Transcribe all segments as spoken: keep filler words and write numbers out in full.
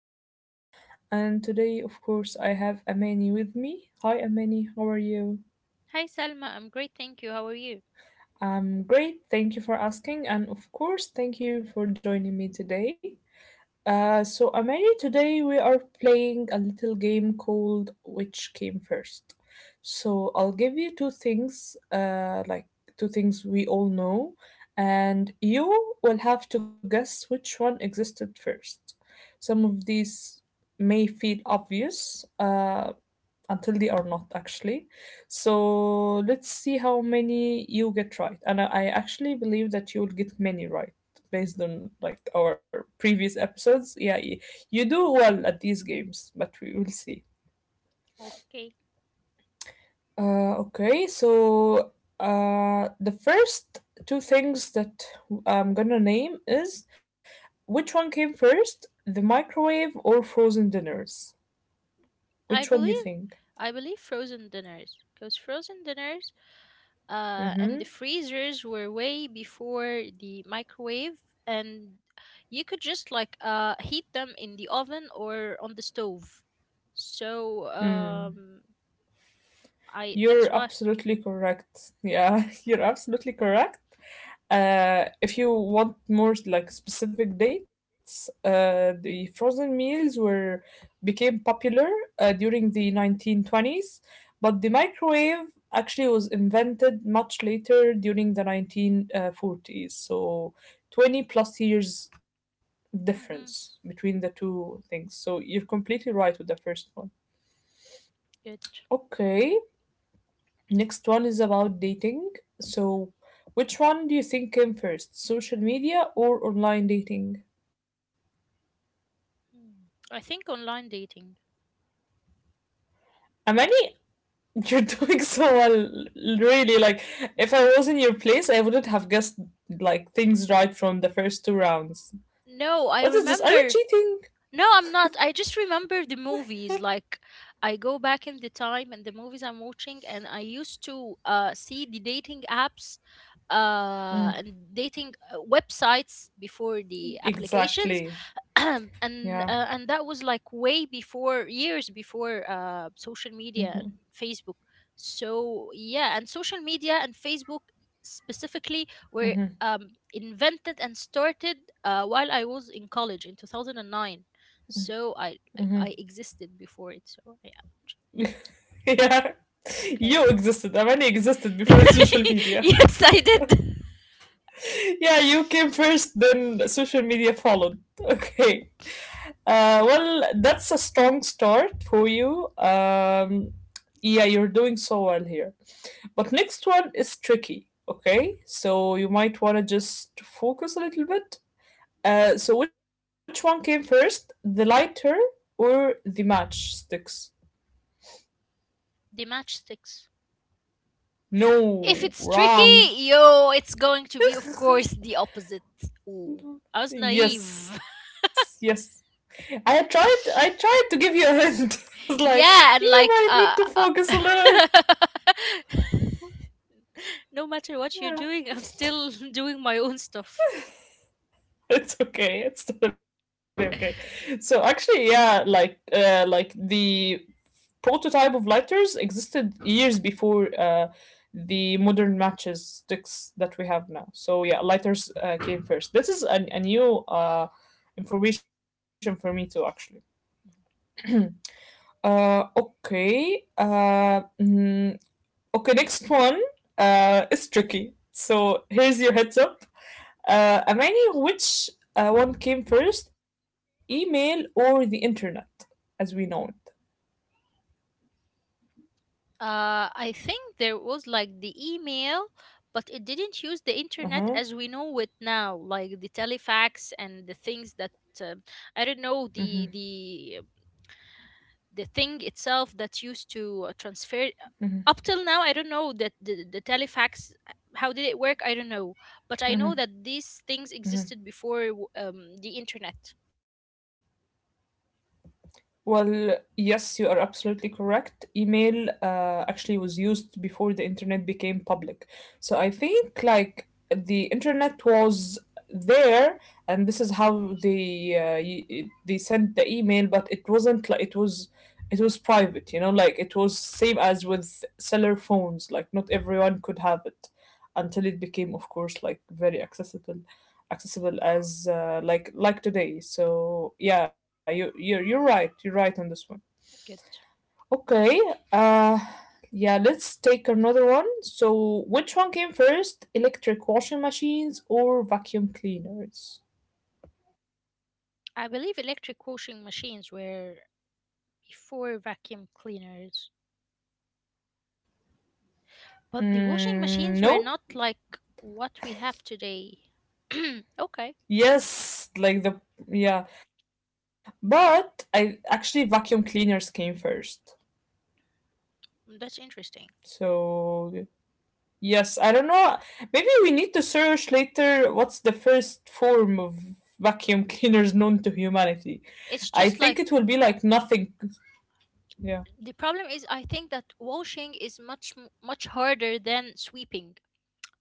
Salma, and today, of course, I have Amani with me. Hi, Amani, how are you? Hi Salma, I'm great, thank you. How are you? I'm great, thank you for asking, and of course, thank you for joining me today. Uh, so, Amani, today we are playing a little game called Which Came First. So, I'll give you two things, uh, like two things we all know, and you will have to guess which one existed first. Some of these may feel obvious, uh, until they are not actually. So let's see how many you get right. And I, I actually believe that you will get many right based on like our previous episodes. Yeah, y- you do well at these games, but we will see. Okay. Uh, okay, so uh, the first two things that I'm gonna name is which one came first, the microwave or frozen dinners? I Which one do believe you think? I believe frozen dinners, because frozen dinners uh and the Mm-hmm. freezers were way before the microwave, and you could just like uh heat them in the oven or on the stove. So Hmm. um I that's You're why. absolutely correct. Yeah, you're absolutely correct. Uh, if you want more like specific dates, uh, the frozen meals were became popular uh, during the nineteen twenties, but the microwave actually was invented much later during the nineteen forties. So twenty plus years difference Mm-hmm, between the two things. So you're completely right with the first one. good. Okay, next one is about dating. So, which one do you think came first, social media or online dating? Mm. I think online dating. Amani, you're doing so well, really. Like, if I was in your place, I wouldn't have guessed like things right from the first two rounds. What is No, this? I Are you cheating? remember. No, I'm not. I just remember the movies. Like, I go back in the time and the movies I'm watching, and I used to uh, see the dating apps uh, Mm, and dating uh, websites before the applications. exactly. and Yeah. uh, and that was like way before, years before, uh, social media and Facebook. So yeah, and social media and Facebook specifically were um, invented and started uh, while I was in college in two thousand and nine. So I, like, I existed before it. So yeah, yeah. okay. You existed. Amani existed before social media. Yes, I did. Yeah, you came first, then social media followed. Okay. Uh, well, that's a strong start for you. Um, yeah, you're doing so well here. But next one is tricky, okay? So you might want to just focus a little bit. Uh, so which one came first, the lighter or the matchsticks? The matchsticks. If No, it's tricky, wrong. yo, it's going to be, of course, the opposite. Ooh, I was naive. Yes, yes. I tried. I tried to give you a hint. I was Yeah, like, and you like, might uh, need to uh focus a little. no matter what you're doing, I'm Yeah. still doing my own stuff. it's okay. It's totally okay. So actually, yeah, like uh, like the prototype of lighters existed years before uh, the modern matches sticks that we have now. So yeah, lighters uh, came first. This is a, a new uh, information for me too, actually. Uh, okay. Uh, mm, okay, next one uh, is tricky. So here's your heads up. Uh, Amani, which uh, one came first, email or the internet, as we know it? Uh, I think there was like the email, but it didn't use the internet Uh as we know it now, like the telefax and the things that, uh, I huh. don't know. The the the thing itself that used to uh, transfer, up till now I don't know that. The, the telefax, uh, how did it work? I don't know, but I know that these things existed before w- um, the internet. Well, yes, you are absolutely correct. Email uh, actually was used before the internet became public. So I think like the internet was there and this is how they uh, y- they sent the email but it wasn't like it was it was private, you know, like it was same as with cellular phones, like not everyone could have it until it became, of course, like very accessible accessible as uh, like like today. So yeah, you you're you're right. You're right on this one. Good. Okay. Uh, yeah. Let's take another one. So which one came first, electric washing machines or vacuum cleaners? I believe electric washing machines were before vacuum cleaners. But the washing Mm, machines were no. not like what we have today. Okay. Yes. Like the Yeah. But I actually vacuum cleaners came first. Mm, that's interesting. So yes, I don't know. Maybe we need to search later what's the first form of vacuum cleaners known to humanity. It's I just think like, it will be like nothing. Yeah. the problem is, I think, that washing is much m- much harder than sweeping.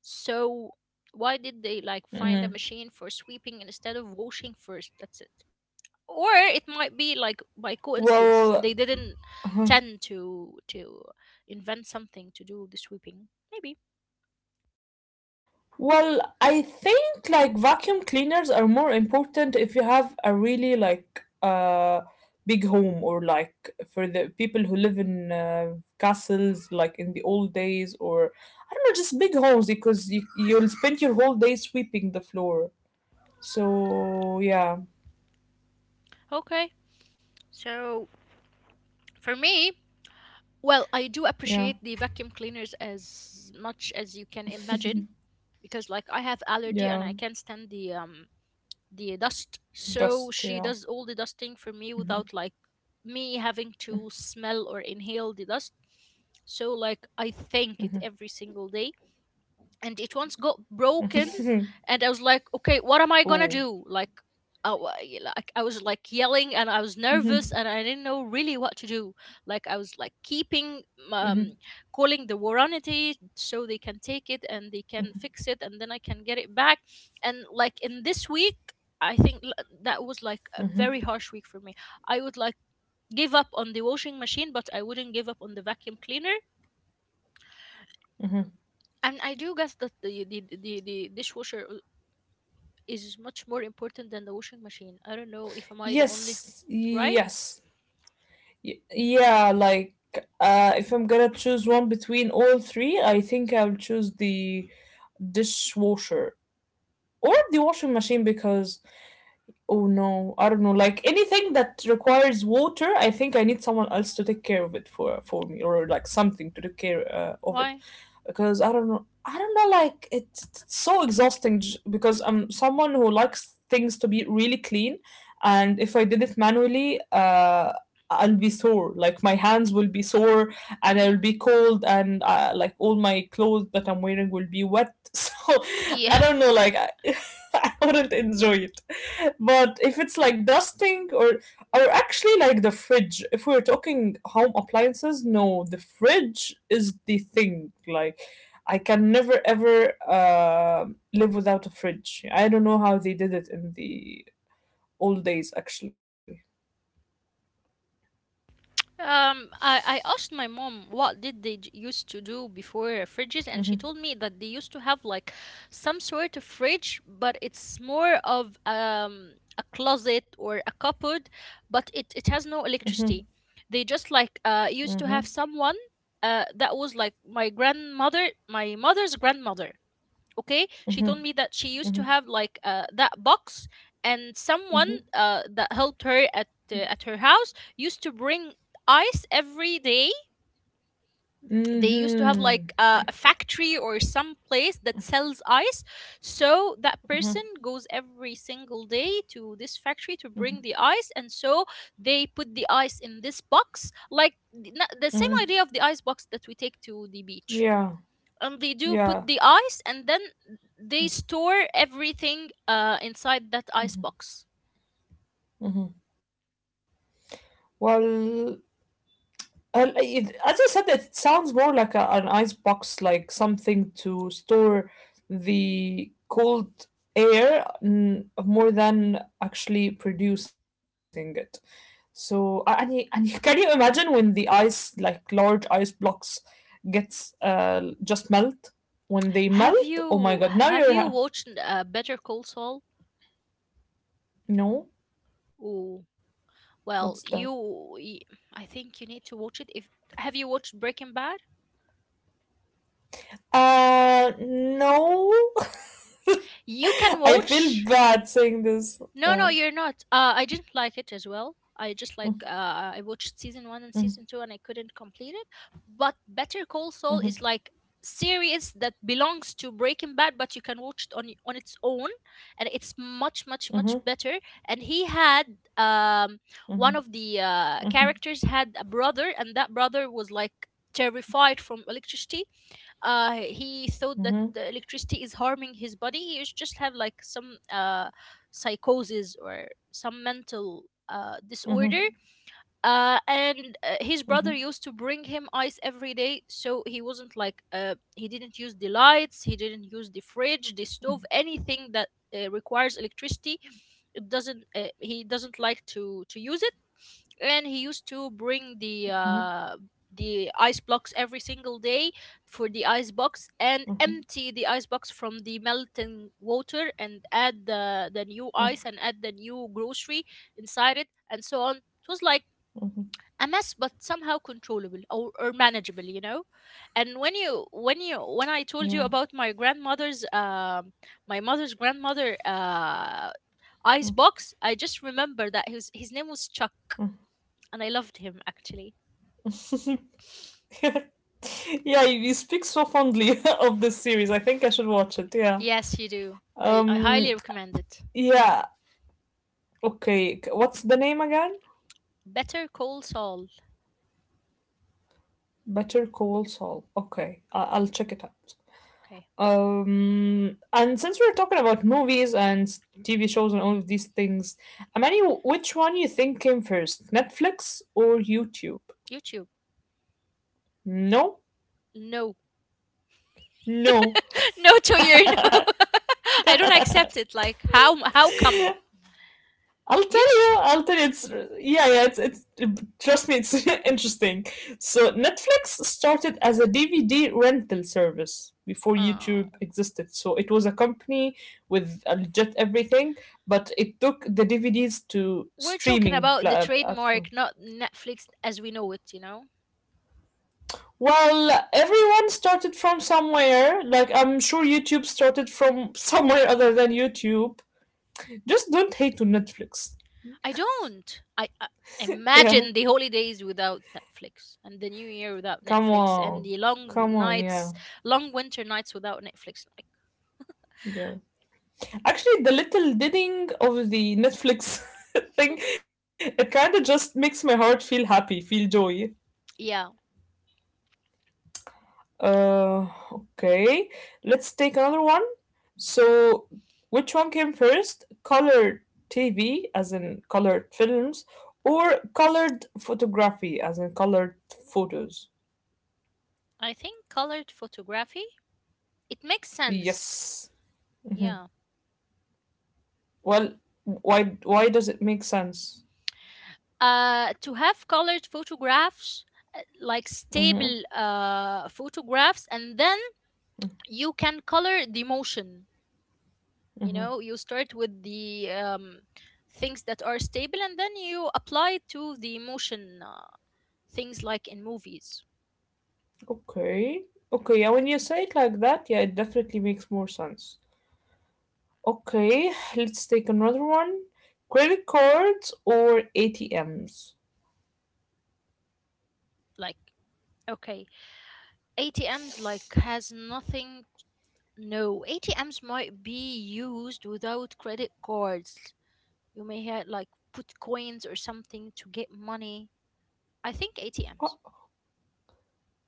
So why did they like find a machine for Mhm. sweeping instead of washing first? That's it. Or it might be like by coincidence Well, they didn't uh-huh. tend to to invent something to do the sweeping maybe. Well, I think like vacuum cleaners are more important if you have a really like uh big home or like for the people who live in uh, castles like in the old days or I don't know, just big homes because you, you'll spend your whole day sweeping the floor. So yeah, Okay, so for me, well, I do yeah, appreciate the vacuum cleaners as much as you can imagine, because like I have allergy and yeah, I can't stand the um the dust. So dust, she yeah. does all the dusting for me without like me having to smell or inhale the dust. So like I thank it every single day, and it once got broken and I was like, okay, what am I gonna Oh, do? Like, I, wa- y- like I was like yelling and I hmm, was nervous and I didn't know really what to do. Like, I was like keeping, um, calling the warranty so they can take it and they can fix it and then I can get it back. And like in this week, I think l- that was like a very harsh week for me. I would like give up on the washing machine, but I wouldn't give up on the vacuum cleaner. And I do guess that the the the, the dishwasher is much more important than the washing machine. I don't know if am I the only, yes, right? yes, y- yeah. Like, uh, if I'm gonna choose one between all three, I think I'll choose the dishwasher or the washing machine because oh no, I don't know. Like anything that requires water, I think I need someone else to take care of it for for me or like something to take care uh, of it. Why? Because I don't know. I don't know, like it's it's so exhausting j- because I'm someone who likes things to be really clean, and if I did it manually, uh, I'll be sore. Like my hands will be sore, and Hmm. I'll be cold, and uh, like all my clothes that I'm wearing will be wet. So Yeah. I don't know, like I, I wouldn't enjoy it. But if it's like dusting or or actually like the fridge, if we're talking home appliances, no, the fridge is the thing. Like I can never ever uh, live without a fridge. I don't know how they did it in the old days actually. Um. I I asked my mom what did they j- used to do before fridges, and she told me that they used to have like some sort of fridge, but it's more of um a closet or a cupboard, but it it has no electricity. They just like uh used to have someone, uh that was like my grandmother, my mother's grandmother. Okay, she told me that she used to have like, uh, that box, and someone, uh, that helped her at uh, at her house used to bring ice every day. They used to have like, Mhm. uh, a factory or some place that sells ice, so that person goes every single day to this factory to bring the ice, and so they put the ice in this box, like the na- the same idea of the ice box that we take to the beach. Yeah. um, they do put Yeah. the ice, and then they store everything uh, inside that ice box. Well, uh, it, as I said, it sounds more like a, an ice box, like something to store the cold air, mm, more than actually producing it. So, a- and, y- and y- can you imagine when the ice, like large ice blocks, gets uh, just melt? When they Have melt, oh my you god, now have you're. you Ha- watched, uh, Better Call Saul? no, Ooh, what's that? well, you y- I think you need to watch it. If, have you watched Breaking Bad? Uh, no. You can I feel watch. bad saying this. No, no, Yeah. you're not. Uh, I didn't like it as well. I just like, uh, I watched season Mm-hmm, one and season two, and I couldn't complete it. But Better Call Saul mm-hmm, is like series that belongs to Breaking Bad, but you can watch it on y- on its own, and it's much, much, much mm-hmm, better. And he had, um one of the, uh, characters had a brother, and that brother was like terrified from electricity. uh he thought that the mm-hmm, electricity is harming his body. He used just have like some uh psychosis or some mental uh mm-hmm, mm-hmm. disorder. Uh and uh, his brother Mm-hmm. used to bring him ice every day, so he wasn't like, uh he didn't use the lights, he didn't use the fridge, the stove, anything that uh, requires electricity. It doesn't uh, he doesn't like to to use it. And he used to bring the, Mm-hmm. uh the ice blocks every single day, for the ice box, and empty the ice box from the melting water and add the, the new ice and add the new grocery inside it, and so on. It was like a mess, but somehow controllable, or, or manageable you know And when you, when you when i told you about Mm-hmm. my grandmother's, um my mother's grandmother, uh icebox, I just remember that his his name was Chuck, and I loved him actually. Yeah. yeah, you you speak so fondly of this series. I think I should watch it. Yeah. Yes, you do. I, I Um. highly recommend it. Yeah. Okay. c- What's the name again? Better Call Saul. Better Call Saul. Okay, I- I'll check it out. Okay. Um. And since we're talking about movies and s- T V shows and all of these things, Amani, wh- which one you think came first, Netflix or YouTube? YouTube. No. No. No. No to your no. I don't accept it. Like, how how come? I'll tell you. YouTube. I'll tell you. It's yeah, yeah. It's it's. Trust me, it's interesting. So Netflix started as a D V D rental service before YouTube Oh. existed. So it was a company with a legit everything, but it took the D V Ds to We're talking streaming about pla- the uh, platform. trademark, not Netflix as we know it, you know? Well, everyone started from somewhere. Like I'm sure YouTube started from somewhere other than YouTube. Just don't hate to Netflix. I don't. I, I Yeah, imagine the holidays without Netflix, and the new year without come Netflix, and on, the long come on. Yeah, nights, long winter nights without Netflix. Like, yeah. Actually, the little ding of the Netflix thing, it kind of just makes my heart feel happy, feel joy. yeah. Uh, okay, let's take another one. So, which one came first? Color T V, as in colored films, or colored photography, as in colored photos? I think colored photography, it makes sense. Yes. Yeah. Well, why why does it make sense? Uh, to have colored photographs, uh, like stable, uh, photographs, and then you can color the motion. You know, you start with the, um, things that are stable, and then you apply it to the emotion, uh, things like in movies. Okay. Okay, yeah, when you say it like that, yeah, it definitely makes more sense. Okay, let's take another one. Credit cards or A T Ms? Like, okay, atms like has nothing. No, atms might be used without credit cards. You may have like put coins or something to get money. I think atms, Oh,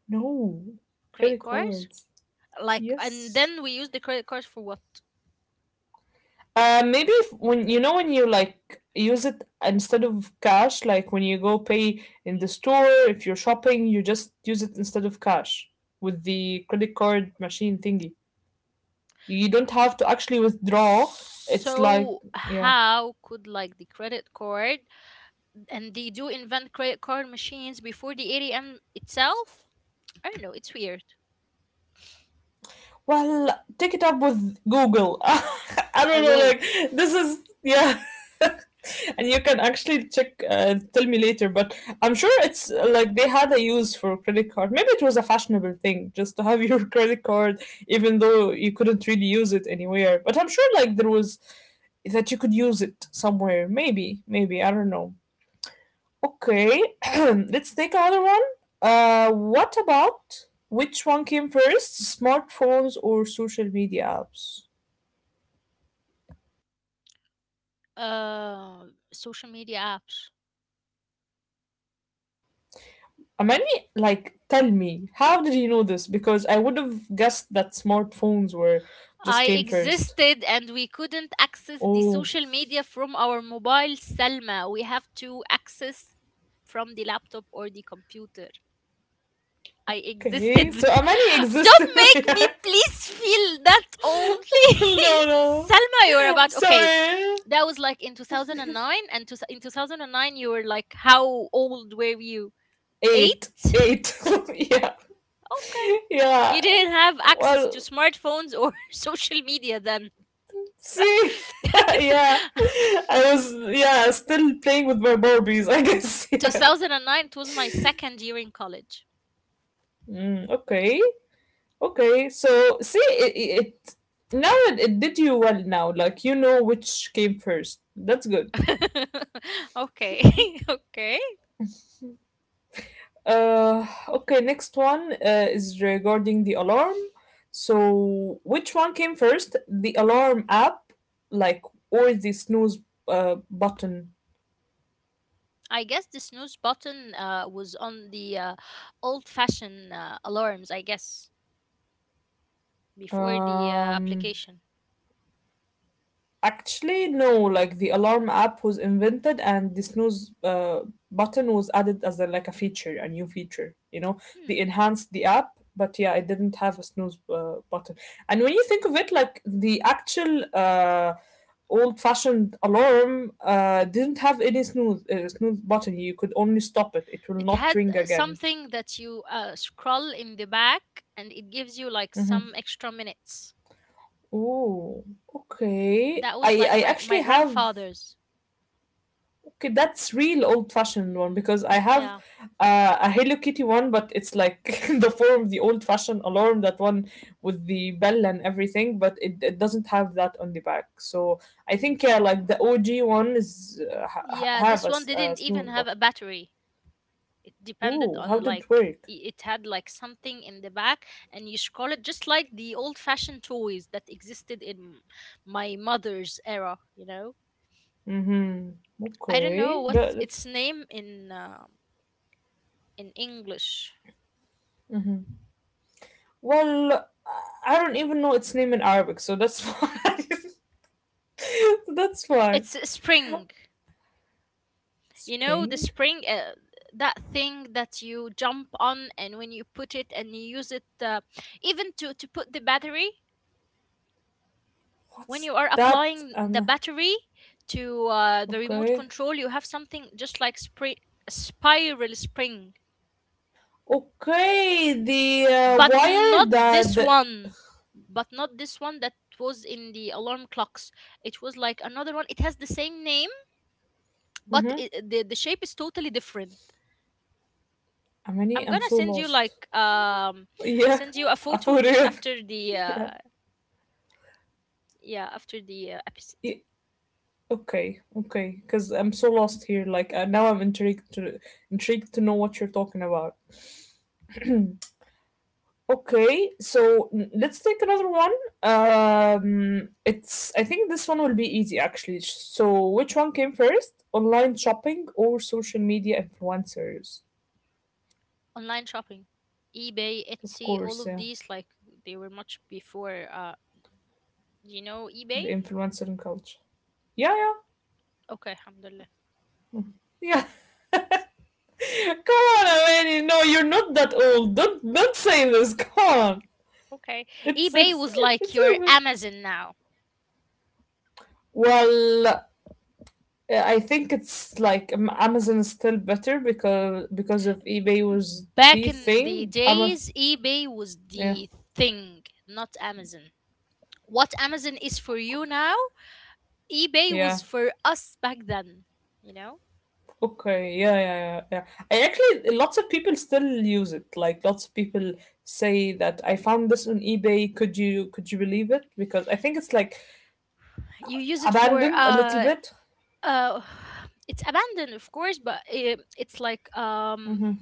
no, credit credit cards. cards. Like, and Yes. then we use the credit cards for what? Uh, maybe if, when you know when you like use it instead of cash, like when you go pay in the store, if you're shopping, you just use it instead of cash with the credit card machine thingy. You don't have to actually withdraw. It's like, So yeah. how could like the credit card, and they do invent credit card machines before the A T M itself? I don't know. It's weird. Well, take it up with Google. I I don't know, will. like, this is, yeah. And you can actually check, uh, tell me later, but I'm sure it's uh, like they had a use for credit card. Maybe it was a fashionable thing just to have your credit card, even though you couldn't really use it anywhere. But I'm sure, like, there was that you could use it somewhere. Maybe, maybe, I don't know. Okay, let's take another one. Uh, what about which one came first, smartphones or social media apps? Uh, social media apps. Amani, like, tell me, how did you know this? Because I would have guessed that smartphones were I just came first. existed, and we couldn't access the Oh, social media from our mobile, Selma. We have to access from the laptop or the computer. I okay. existed. Don't So Amani make existed. me yeah. please feel that old, please. No, no. Selma, you were about, okay. Sorry. That was like in two thousand nine, and to, in two thousand nine you were like, how old were you? eight? Eight. Okay. Eight. yeah. Yeah. You didn't have access to Well, smartphones or social media then. see? Yeah. I was, yeah, still playing with my Barbies, I guess. Yeah. twenty oh nine it was my second year in college. Mm, okay. Okay. So, see, it, it now it, it did you well now. Like, you know which came first. That's good. Okay. Okay. Uh, okay, next one uh, is regarding the alarm. So, which one came first? The alarm app, like, or the snooze uh, button? I guess the snooze button, uh, was on the, uh, old-fashioned, uh, alarms, I guess, before the, uh, Um, application. Actually, no. Like the alarm app was invented, and the snooze uh, button was added as a, like a feature, a new feature. You know, they Hmm. enhanced the app, but yeah, it didn't have a snooze uh, button. And when you think of it, like the actual uh, old-fashioned alarm uh, didn't have any snooze uh, snooze button. You could only stop it. It will It not had ring again. something that you, uh, scroll in the back, and it gives you like some extra minutes. Oh, okay. That I was like I my, my actually have grandfather's. okay, that's real old-fashioned one because I have Yeah. uh, a Hello Kitty one, but it's like the form, the old-fashioned alarm, that one with the bell and everything, but it, it doesn't have that on the back. So I think yeah, like the O G one is uh, ha- ha- Yeah, have this a, one s- a didn't even snooze have button. a battery. Depended Ooh, on how did it like, work? i- it had like something in the back, and you scroll it just like the old fashioned toys that existed in my mother's era you know Mm-hmm. I don't know Okay. what's The its name in um in English. well, I don't even know its name in Arabic, so that's fine. That's fine. It's a spring. you know the Spring? spring, uh, that thing that you jump on, and when you put it and you use it, uh, even to to put the battery, when What's you are that? applying the Um. battery to, uh, the remote Okay. control, you have something just like spri- a spiral spring. Okay, the uh, but wire not that. this The, one but not this one that was in the alarm clocks. It was like another one, it has the same name, but mm-hmm. i the, the shape is totally different. Amani, I'm I'm gonna so send you lost. like, um Yeah, send you a for photo just real. after the, uh, Yeah. yeah, after the, uh, episode. Y- Okay, okay, because I'm so lost here. Like uh, now, I'm intrigued to intrigued to know what you're talking about. Okay, so n- let's take another one. Um, it's I think this one will be easy actually. So, which one came first, online shopping or social media influencers? Online shopping. Ebay, Of Etsy, all course, of yeah, these, like, they were much before, uh you know eBay. the influencer culture. Yeah, yeah. Okay, alhamdulillah. Yeah. Come on, Amani. No, you're not that old. Don't don't say this. Come on. Okay. It's Ebay it's was like it's your even. Amazon now. Well, uh, I think it's like um, Amazon is still better because because of eBay was Back the in the thing. Ama- days, eBay was Yeah. the thing, not Amazon. What Amazon is for you now, eBay was Yeah. for us back then you know Okay. Yeah, yeah, yeah, yeah. I actually lots of people still use it. Like lots of people say that I found this on eBay. Could you could you believe it? Because I think it's like you use it for abandoned a little uh bit. uh it's abandoned of course, but it, it's like, um Mm-hmm.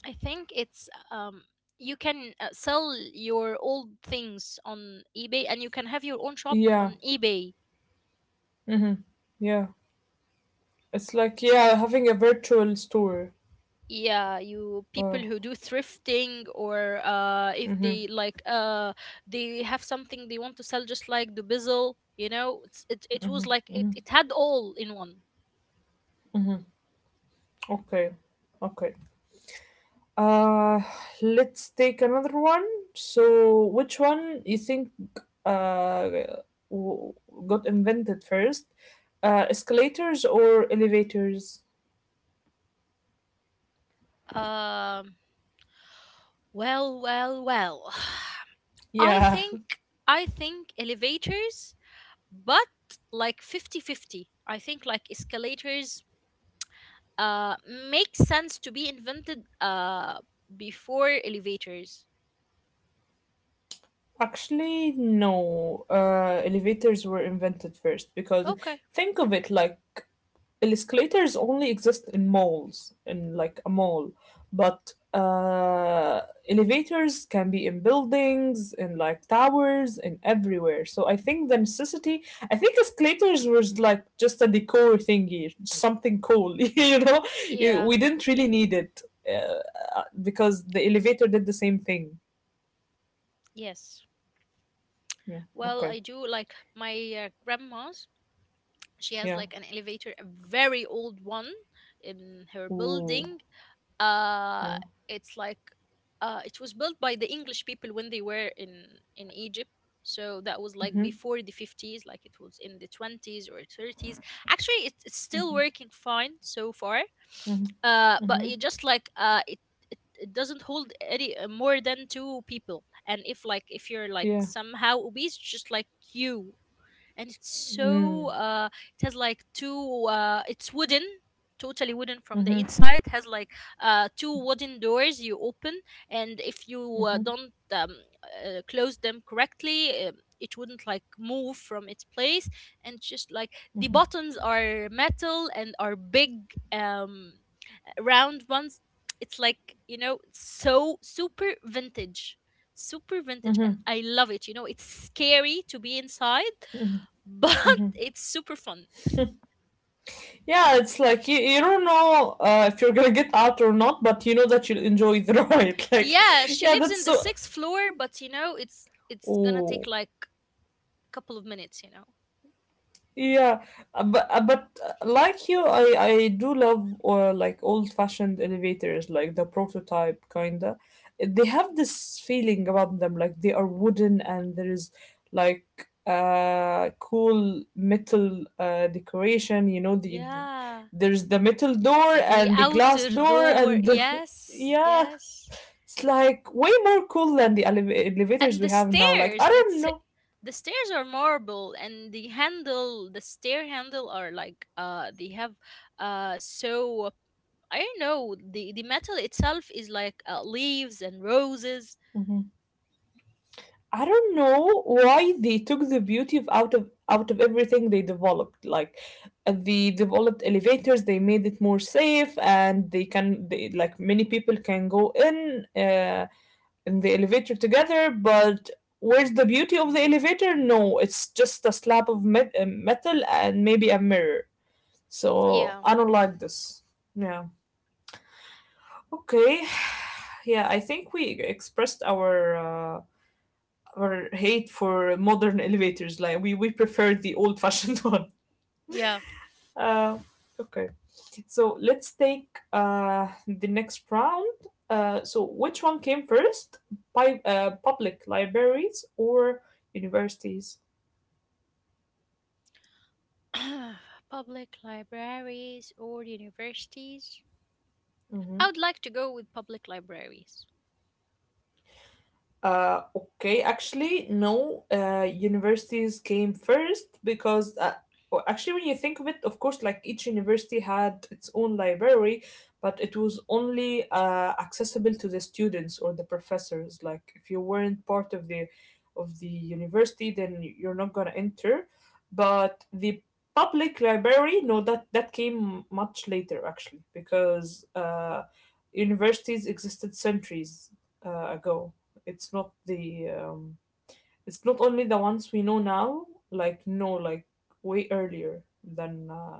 I think it's, um you can, uh, sell your old things on eBay, and you can have your own shop Yeah. on eBay. Mm-hmm. Yeah. It's like yeah, having a virtual store. Yeah, you people Uh, who do thrifting or uh if mm-hmm. they like uh they have something they want to sell just like the bizzle, you know, it's it it was like it it had all in one. Okay. Okay. Uh let's take another one. So which one you think uh w- got invented first? Uh escalators or elevators? Um well, well, well. I Yeah, think I think elevators, but like fifty-fifty. I think like escalators uh, makes sense to be invented uh, before elevators. actually, no. Uh, elevators were invented first because Okay. think of it like escalators only exist in malls, in like a mall, but uh, elevators can be in buildings, in like towers, and everywhere. So I think the necessity, I think escalators was like just a decor thingy, something cool, you know? It- Yeah. We didn't really need it uh, because the elevator did the same thing. Yes. Yeah. Well, Okay. I do like my uh, grandma's. She has Yeah. like an elevator, a very old one in her Ooh. building. uh Yeah. it's like uh it was built by the English people when they were in in Egypt, so that was like Mm-hmm. before the fifties. Like it was in the twenties or thirties. Actually, it, it's still working fine so far. Mm-hmm. Uh but Mm-hmm. it just like uh it it, it doesn't hold any uh, more than two people, and if like if you're like Yeah. somehow obese, just like you. And it's so Mm. uh it has like two uh it's wooden, totally wooden from the Mm-hmm. inside, has like uh two wooden doors you open, and if you uh, Mm-hmm. don't um, uh, close them correctly, um, it wouldn't like move from its place. And just like the buttons are metal and are big, um round ones. It's like, you know, so super vintage, super vintage, and I love it. You know, it's scary to be inside, but it's super fun. Yeah, it's like you, you don't know uh, if you're gonna get out or not, but you know that you'll enjoy the ride. Like, Yeah, she yeah, lives that's in the so. sixth floor, but you know, it's it's gonna take Oh, like a couple of minutes, you know. yeah. Uh, but uh, but uh, like you, I I do love or like old fashioned elevators, like the prototype kinda. They have this feeling about them, like they are wooden and there is like uh cool metal uh decoration. You know the, the Yeah. there's the metal door The and the glass outer door door. and the Yes, yeah. yes. It's like way more cool than the elev- And elevators the we have now. Like stairs, I don't that's know. the stairs are marble and the handle the stair handle are like uh they have uh so I don't know, the the metal itself is like uh, leaves and roses. Mhm. I don't know why they took the beauty of out of out of everything they developed. Like uh, the developed elevators, they made it more safe, and they can they, like many people can go in uh, in the elevator together. But where's the beauty of the elevator? No, it's just a slab of met- uh, metal and maybe a mirror. So Yeah, I don't like this. Yeah. Okay. Yeah, I think we expressed our uh, our hate for modern elevators. Like we we prefer the old-fashioned one. yeah. Uh, okay. So let's take uh, the next round. Uh, so which one came first? By uh, Public libraries or universities? Public libraries or universities? Mm-hmm. I would like to go with public libraries. Uh, okay, actually, no. Uh, universities came first because, uh, well, actually, when you think of it, of course, like each university had its own library, but it was only uh, accessible to the students or the professors. Like, if you weren't part of the of the university, then you're not gonna enter. But the public library, no, that that came much later actually because uh, universities existed centuries uh, ago. It's not the um, it's not only the ones we know now. Like no, like way earlier than uh,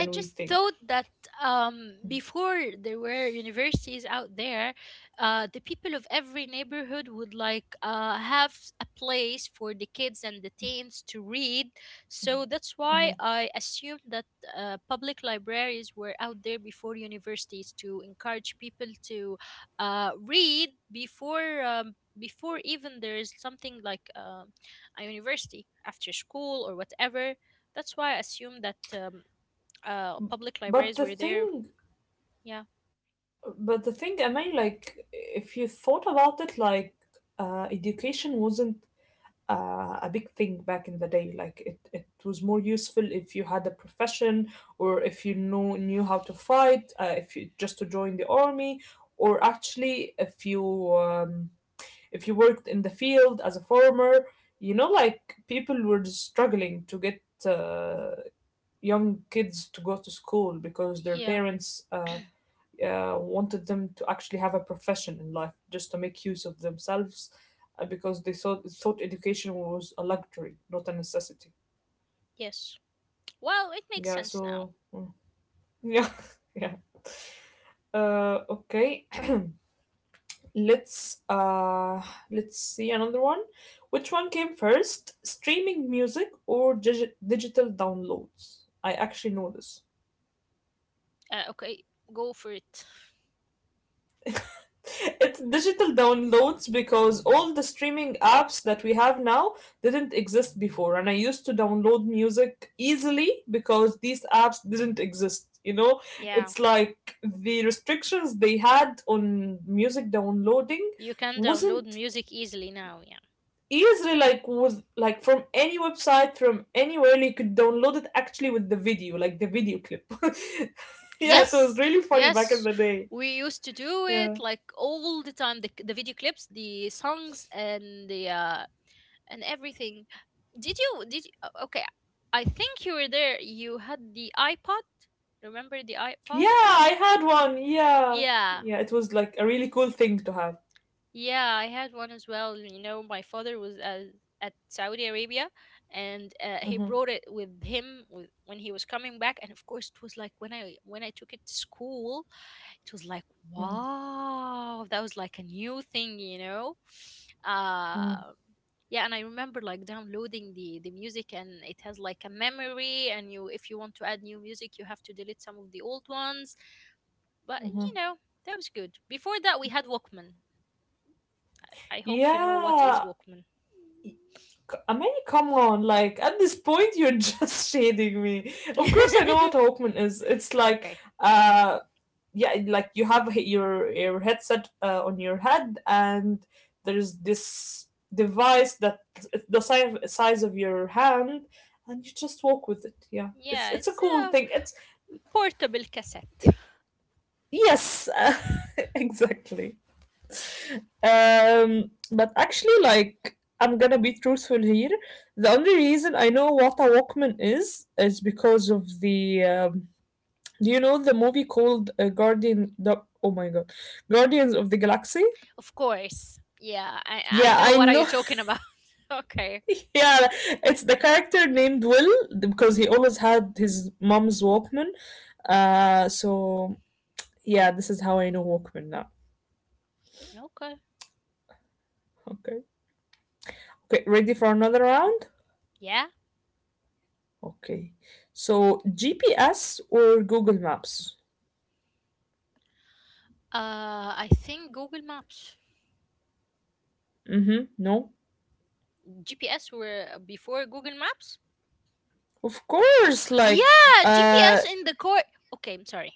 I we just think. thought that um, before there were universities out there, uh, the people of every neighborhood would like uh, have a place for the kids and the teens to read. So that's why Mhm. I assumed that uh, public libraries were out there before universities to encourage people to uh, read before. Um, before even there is something like um a university after school or whatever. That's why I assume that um, uh public But libraries the were there. thing, Yeah. but the thing, I mean, like if you thought about it, like uh, education wasn't uh, a big thing back in the day. Like it, it was more useful if you had a profession or if you know knew how to fight, uh, if you just to join the army, or actually if you um, if you worked in the field as a farmer, you know, like people were just struggling to get uh, young kids to go to school because their Yeah. parents uh, uh, wanted them to actually have a profession in life just to make use of themselves uh, because they thought, thought education was a luxury, not a necessity. Yes, well, it makes Yeah, sense now. so, mm, yeah, yeah. Uh, okay. Let's uh let's see another one. Which one came first, streaming music or digi- digital downloads? I actually know this. uh, okay, go for it. It's digital downloads because all the streaming apps that we have now didn't exist before and I used to download music easily because these apps didn't exist. You know, Yeah, it's like the restrictions they had on music downloading you can download wasn't music easily now. Yeah. easily like with like from any website from anywhere you could download it actually with the video like the video clip. Yeah, it was Yes, really funny back in yes, the day. we used to do it Yeah. like all the time, the, the video clips, the songs, and the uh and everything. Did you did you, o- okay, I think you were there, you had the iPod. Remember the Yeah, iPod? I had one, yeah. Yeah. Yeah, it was like a really cool thing to have. Yeah, I had one as well. You know, my father was at, at Saudi Arabia, and uh, he brought it with him with, when he was coming back. And of course, it was like when I when I took it to school, it was like, wow, that was like a new thing, you know. Hmm. Uh yeah, and I remember like downloading the the music, and it has like a memory, and you, if you want to add new music, you have to delete some of the old ones. But you know, that was good. Before that, we had Walkman. I hope you know what is Yeah. Walkman. c- I mean, come on, like at this point you're just shading me. Of course I know what a Walkman is. It's like Okay. uh yeah, like you have your your headset uh, on your head, and there's this device that the size size of your hand, and you just walk with it. Yeah, it's Yeah, it's a it's cool a thing. It's portable cassette. yes, uh, exactly. Um but actually, like, I'm gonna be truthful here. The only reason I know what a Walkman is is because of the um, do you know the movie called uh, guardian the, oh my god, Guardians of the Galaxy? Of course. Yeah, I, I Yeah, know I what are you know. talking about. Okay. Yeah, it's the character named Will because he always had his mom's Walkman. Uh, so yeah, this is how I know Walkman now. Okay. Okay. Okay, ready for another round? Yeah. Okay. So G P S or Google Maps? Uh, I think Google Maps. Mm-hmm. No. G P S were uh, before Google Maps? Of course, like Yeah, uh G P S in the core. Okay, I'm sorry.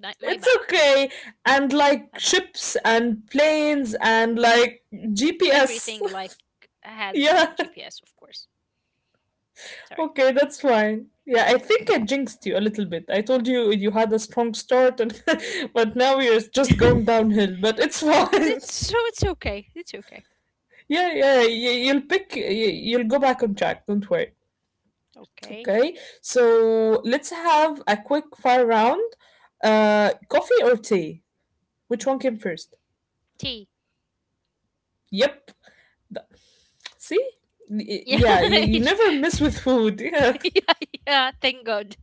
My, my it's bad. okay. And like My bad. ships and planes and like G P S. Everything like had yeah. G P S, of course. Sorry. Okay, that's fine. Yeah, I think I jinxed you a little bit. I told you you had a strong start, and but now you're just going it's downhill. But it's fine. it's- so it's okay. It's okay. Yeah, yeah, you, you'll pick. You, you'll go back on track. Don't worry. Okay. Okay, so let's have a quick fire round. Uh, coffee or tea? Which one came first? T. Yep. See? Y- Yeah. Yeah, you, you never mess with food. Yeah. yeah, yeah, thank God.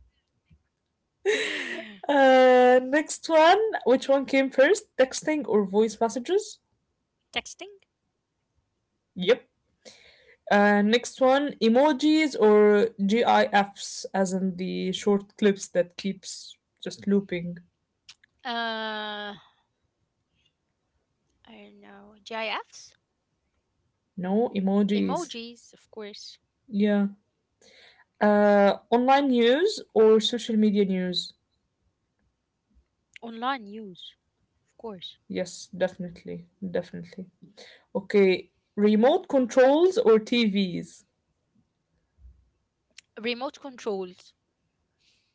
Uh, next one. Which one came first? Texting or voice messages? Texting? Yep. Uh, next one, emojis or GIFs, as in the short clips that keeps just looping. Uh, I don't know. GIFs? No emojis. Emojis, of course. Yeah. Uh, online news or social media news? Online news, of course. Yes, definitely, definitely. Okay, remote controls or T Vs? Remote controls.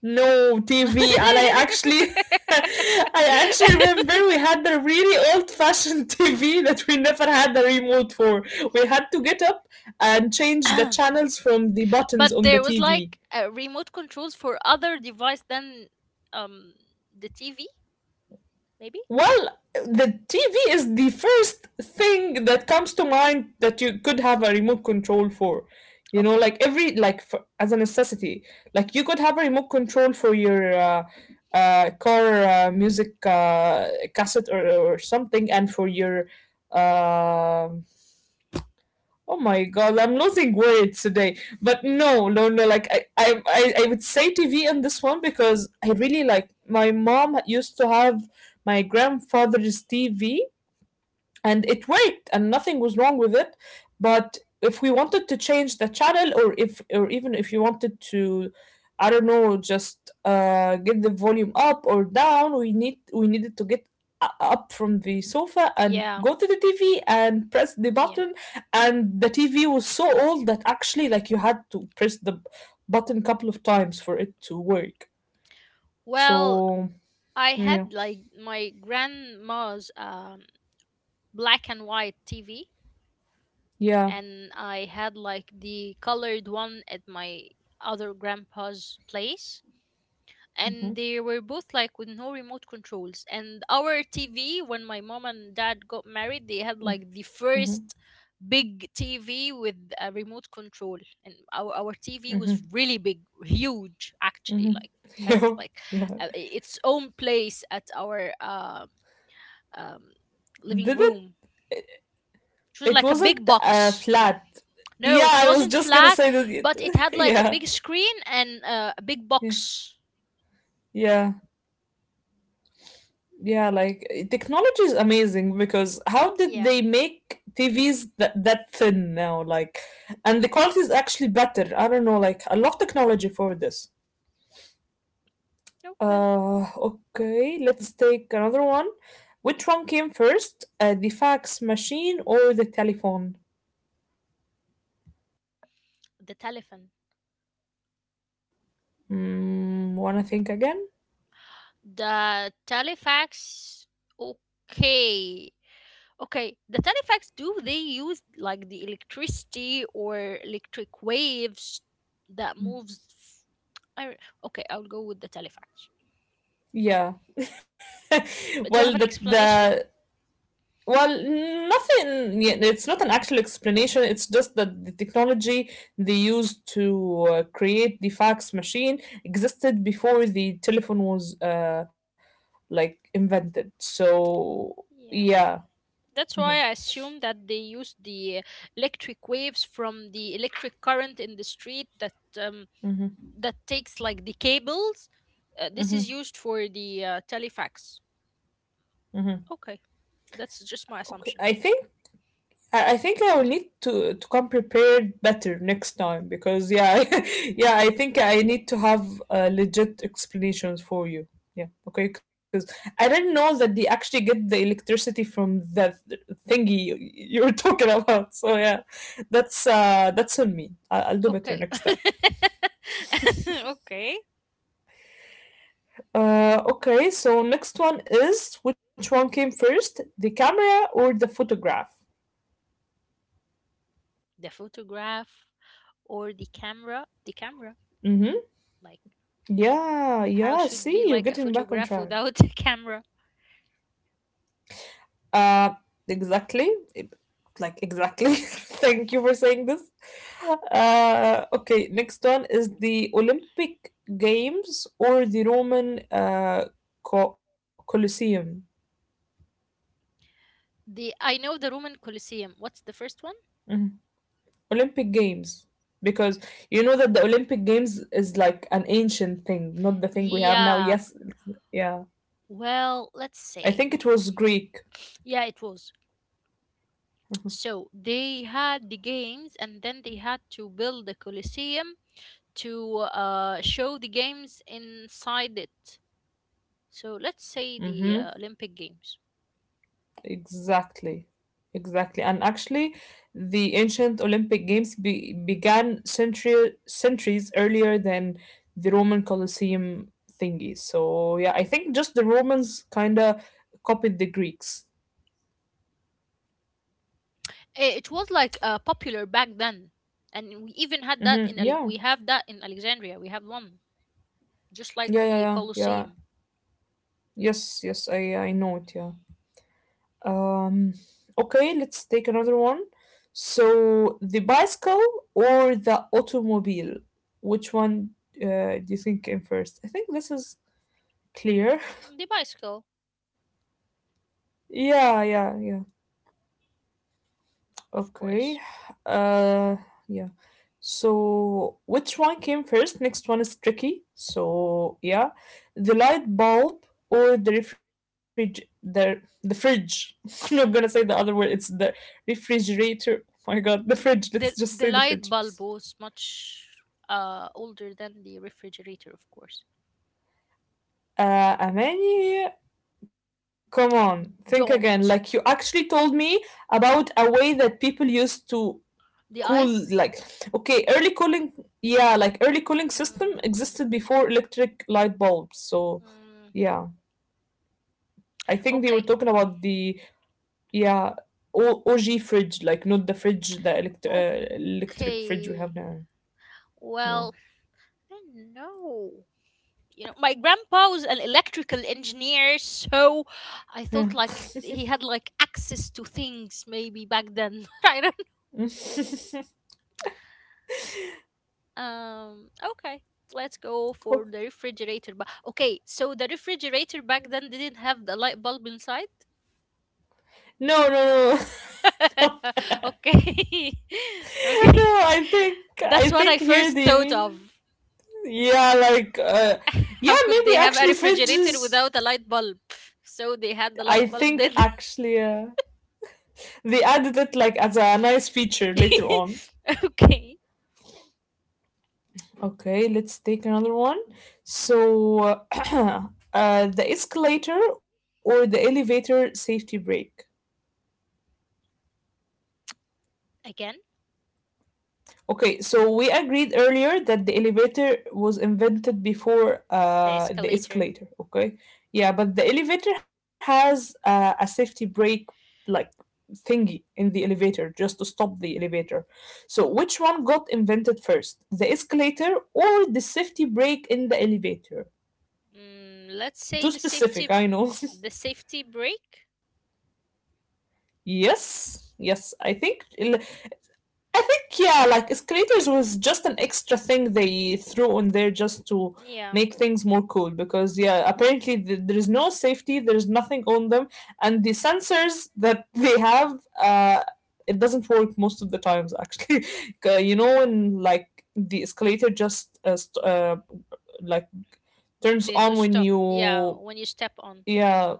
No T V, and I actually, I actually remember we had a really old-fashioned T V that we never had a remote for. We had to get up and change the channels from the buttons But on the there was T V. like uh, remote controls for other device than um the T V, maybe? Well, the T V is the first thing that comes to mind that you could have a remote control for. You know, Okay. like every like for, as a necessity, like you could have a remote control for your uh, uh, car uh, music uh, cassette or, or something, and for your um oh my god, I'm losing weight today. But no, no, no, like i i i, I would say TV in this one because I really, like, my mom used to have my grandfather's TV, and it worked and nothing was wrong with it. But if we wanted to change the channel or if or even if you wanted to I don't know just uh, get the volume up or down, we need we needed to get u- up from the sofa and Yeah. go to the TV and press the Yeah. button. And the TV was so old that actually like you had to press the b- button a couple of times for it to work. Well, So I yeah. had like my grandma's um, black and white T V, Yeah. and I had like the colored one at my other grandpa's place. Hmm. And they were both like with no remote controls. And our T V, when my mom and dad got married, they had like the Hmm. first big T V with a remote control. And our, our T V was Hmm. really big, huge actually. Hmm. Like it has Yeah. like Yeah. uh, its own place at our um um, Did it? living room, which It was like a wasn't big uh, box. flat. Yeah, No, it I was wasn't just gonna flat, say that. It, but it had like a yeah, big screen and uh, a big yeah, box. yeah, yeah. Like eh, technology is amazing because how did Yeah. they make T Vs that that thin now? Like, and the quality is actually better. I don't know. Like, I love technology for this. Okay. Uh, okay. Let's take another one. Which one came first, uh, the fax machine or the telephone? The telephone. Mm, wanna think again? The telefax. Okay. Okay. The telefax. Do they use like the electricity or electric waves that moves? I, okay, I'll go with the telefax. Yeah. But do you have Well, an the explanation? the Well, nothing. Yeah, it's not an actual explanation. It's just that the technology they used to uh, create the fax machine existed before the telephone was uh, like invented. So Yeah. yeah. That's why Hmm. I assume that they use the electric waves from the electric current in the street that um, Hmm. that takes like the cables. Uh, this is Hmm. used for the uh, telefax. Hmm. Okay, that's just my Okay, I assumption. think I, I think I will need to to come prepared better next time because yeah, yeah, I think I need to have uh, legit explanations for you. Yeah, okay, because I didn't know that they actually get the electricity from that thingy you, you were talking about. So yeah, that's uh that's on me. I, I'll do better Okay, next time. okay. Uh, okay, so next one is which one came first, the camera or the photograph? The photograph or the camera, The camera. Mm-hmm. Like Yeah, how yeah. should See, be you're like a getting back on photograph track. without a camera? Uh, exactly. Like, exactly. Thank you for saying this. Uh, okay, next one is the Olympic Games or the Roman uh, Co- Colosseum. The, I know the Roman Colosseum. What's the first one? Olympic Games. Because you know that the Olympic Games is like an ancient thing, not the thing we have now. Yeah. Yes, yeah. Well, I let's think it say. was Greek. Yeah, it was. So they had the games, and then they had to build the Colosseum to uh, show the games inside it. So let's say the Mm-hmm. uh, Olympic Games. Exactly. Exactly. And actually, the ancient Olympic Games be began century centuries earlier than the Roman Colosseum thingy. So, yeah, I think just the Romans kind of copied the Greeks. Eh, It was like uh, popular back then. And we even had that Hmm. in Ale- Yeah. we have that in Alexandria. We have one just like Yeah, yeah, the yeah, yeah. Colosseum. Yes, yes, I I know it, yeah. Um, okay, let's take another one. So, the bicycle or the automobile? Which one uh, do you think came first? I think this is clear? The bicycle, Yeah, yeah, yeah. of Okay. course. Uh, yeah. So, which one came first? Next one is tricky. So, yeah, the light bulb or the refrig the the fridge. I'm not gonna say the other word. It's the refrigerator. Oh my God, the fridge. Let's just The say the the fridge. light bulb was much uh, older than the refrigerator, of course. Uh, Amani, come on, think again. Like you Don't. actually told me about a way that people used to The cool like ice? okay, early cooling, yeah, like early cooling system existed Mm, before electric light bulbs. So mm, yeah, I think they were okay, talking about the, yeah, O- og fridge, like not the fridge, the elect- uh, electric fridge we okay. have now. Yeah, Well, I don't know. You know, my grandpa was an electrical engineer, so I thought yeah. like he had like access to things maybe back then. I don't. Um, okay, let's go for the Oh. refrigerator. But okay, so the refrigerator back then didn't have the light bulb inside. No, no, no. Okay, okay, No, i think i that's what I think here first they thought mean, of. yeah, like uh, yeah, How could they maybe have a actually refrigerator fridges, without a light bulb? So they had i the light think bulb, did actually uh they added it like as a nice feature they? later on. Okay, Okay, let's take another one. So, uh, the escalator or the elevator safety brake? again Okay, so we agreed earlier that the elevator was invented before the uh, the escalator. escalator, okay? Yeah, but the elevator has uh, a safety brake like thingy in the elevator just to stop the elevator. So which one got invented first, the escalator or the safety brake in the elevator? Mm, let's say Too the safety, specific, I know. the safety brake. Yes, yes. I think l- I think, yeah, like escalators was just an extra thing they threw on there just to Yeah, make things more cool because, yeah, apparently th- there is no safety, there's nothing on them, and the sensors that they have, uh, it doesn't work most of the times actually. 'Cause, you know, when like the escalator just uh, st- uh, like turns they do on when stop. Yeah, you, when you step on. yeah,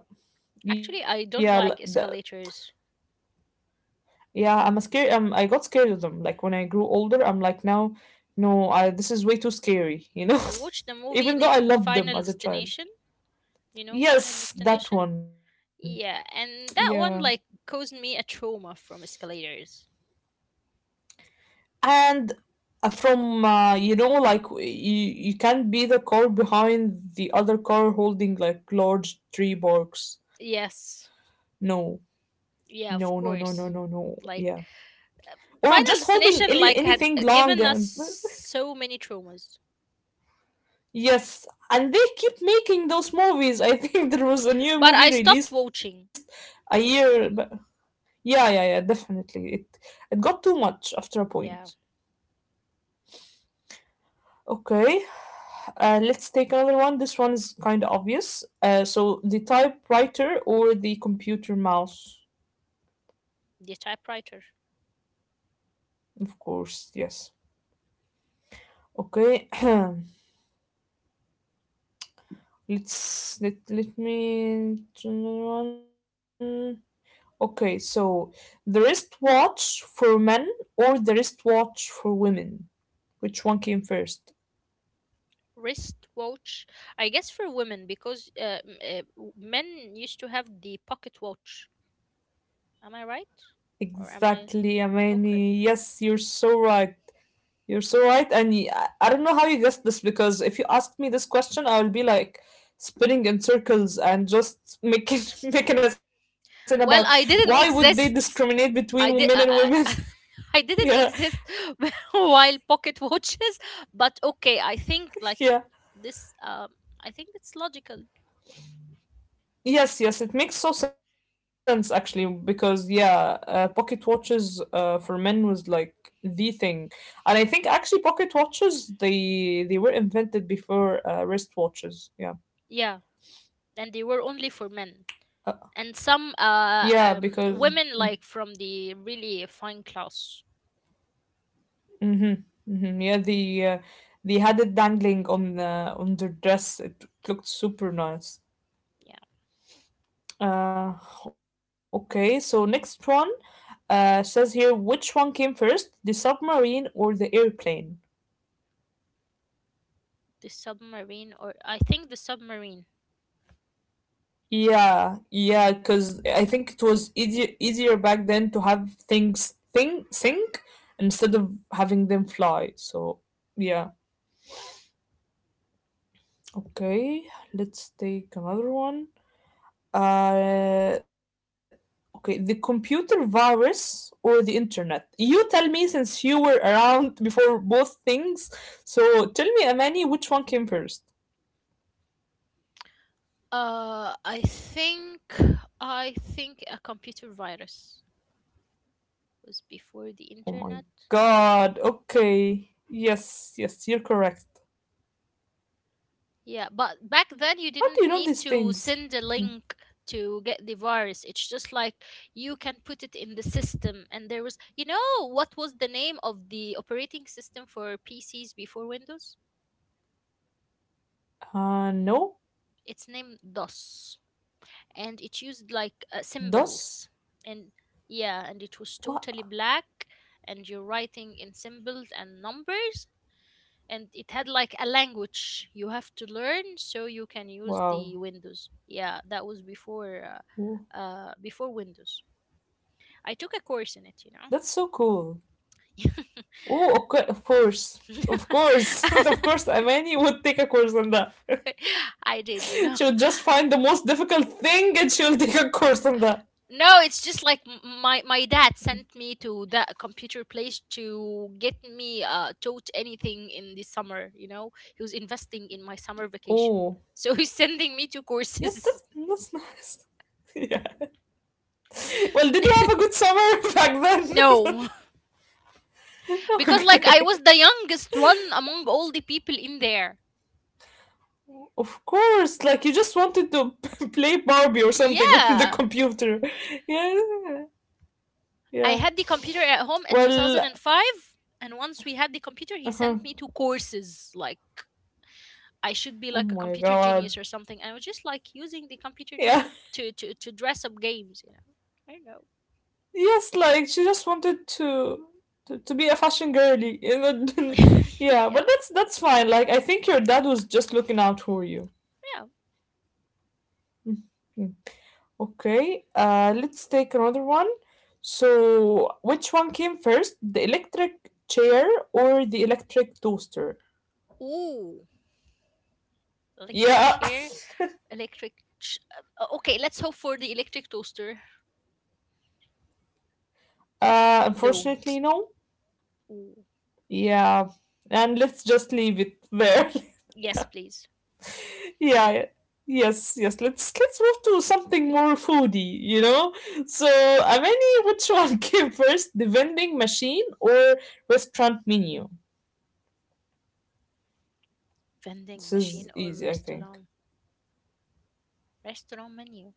yeah Actually, l- I the, don't like escalators. yeah, I'm scared. Um, I got scared of them. Like when I grew older, I'm like now, no, I, this is way too scary. You know, I watched the even movie though I named loved them Final as a child. Destination. You know Final Yes, that Destination? one. Yeah, Yeah, and that one like caused me a trauma from escalators. and uh, from uh, you know, like w- you you can't be the car behind the other car holding like large tree barks. Yes. No, no, no, no, Yeah, no, of no, no. course. Yeah, Like or just Final holding any, Destination like anything had long and given us so many traumas. yes, and they keep making those movies. I think there was a new But movie I stopped released a watching. year. But yeah, yeah, yeah, definitely. It it got too much after a point. Yeah, Okay, uh, let's take another one. This one is kind of obvious. Uh, so the typewriter or the computer mouse, the typewriter. of course. Yes. Okay. let's let let me do another one. Okay, so the wristwatch for men or the wristwatch for women? Which one came first? Wristwatch, I guess, for women, because uh, m- uh, w- men used to have the pocket watch. Am I right? or am I Exactly, Okay. Amani. Yes, you're so right. You're so right. And y- I I don't know how you guessed this, because if you asked me this question, I will be like spinning in circles and just making making a scene about why well would i they didn't discriminate between exist men and i women? did i, I Yeah, I didn't exist while pocket watches. But okay, I think like yeah. this um I think it's logical. Yes, yes, it makes so sense actually because, yeah, uh, pocket watches uh, for men was like the thing, and I think actually pocket watches, they they were invented before uh, wristwatches. Yeah, Yeah, and they were only for men, and some uh yeah, um because women like from the really fine class. hmm, hmm, yeah, the uh, they had it dangling on uh, on their dress. It looked super nice. Yeah. Uh, okay, so next one uh, says here which one came first, the submarine or the airplane? The submarine, or I think the submarine. Yeah, yeah, because I think it was easier easier back then to have things think sink instead of having them fly. So yeah. Okay, let's take another one. Uh okay, the computer virus or the internet. You tell me since you were around before both things. So tell me, Amani, which one came first? Uh, I think I think a computer virus was Oh before the my internet. god. Okay. Yes, yes, you're correct. Yeah, but back then you How do you didn't know need these to things? send a Yeah. link to get the virus. It's just like you can put it in the system, and there was, you know, what was the name of the operating system for P Cs before Windows? Uh, no. It's named DOS. And it used like uh, Dos? symbols and yeah, and it was Wow. totally black, and you're writing in symbols and numbers, and it had like a language you have to learn so you can use Wow. the windows. Yeah, that was before Wo- uh, uh before windows. I took a course in That's it, so you know. cool. Oh, okay, of course. Of course. Of course, Amani would take a course on that. I did, you She know. would just find the most difficult thing and she'll take a course on that. No, it's just like m- my my dad sent me to that computer place to get me uh taught anything in the summer, you know. He was investing in my summer vacation. Oh. So he's sending me to Yes, courses. that's, that's nice. Yeah. Well, did you have a good summer back then? No. Because like I was Okay. the youngest one among all the people in there. Of course, like you just wanted to play Barbie or something on the Yeah. computer. Yeah, I yeah. had the computer at home in Well, two thousand five, and once we had the computer, he uh-huh. sent me to courses like I should be Oh like a my computer god. genius or something. I was just like using the computer just Yeah. to to to, to dress up games, you know. Yes, like she just wanted to to, to be a fashion girly. You I know, don't know. yeah, Yeah, but that's that's fine. Like I think your dad was just looking out for you. yeah. Mm. Okay. Uh let's take another one. So, which one came first, the electric chair or the electric toaster? Ooh, electric Yeah. chair, electric. Ch- uh, okay, let's hope for the electric toaster. Uh, Don't. unfortunately no. Ooh. Yeah. And let's just leave it there. Yes, please. Yeah, yeah. Yes, yes. Let's let's move to something more foodie, you know? So, Amani, which one came first, the vending machine or restaurant menu? Vending This is machine or easy, I think. restaurant? Restaurant menu.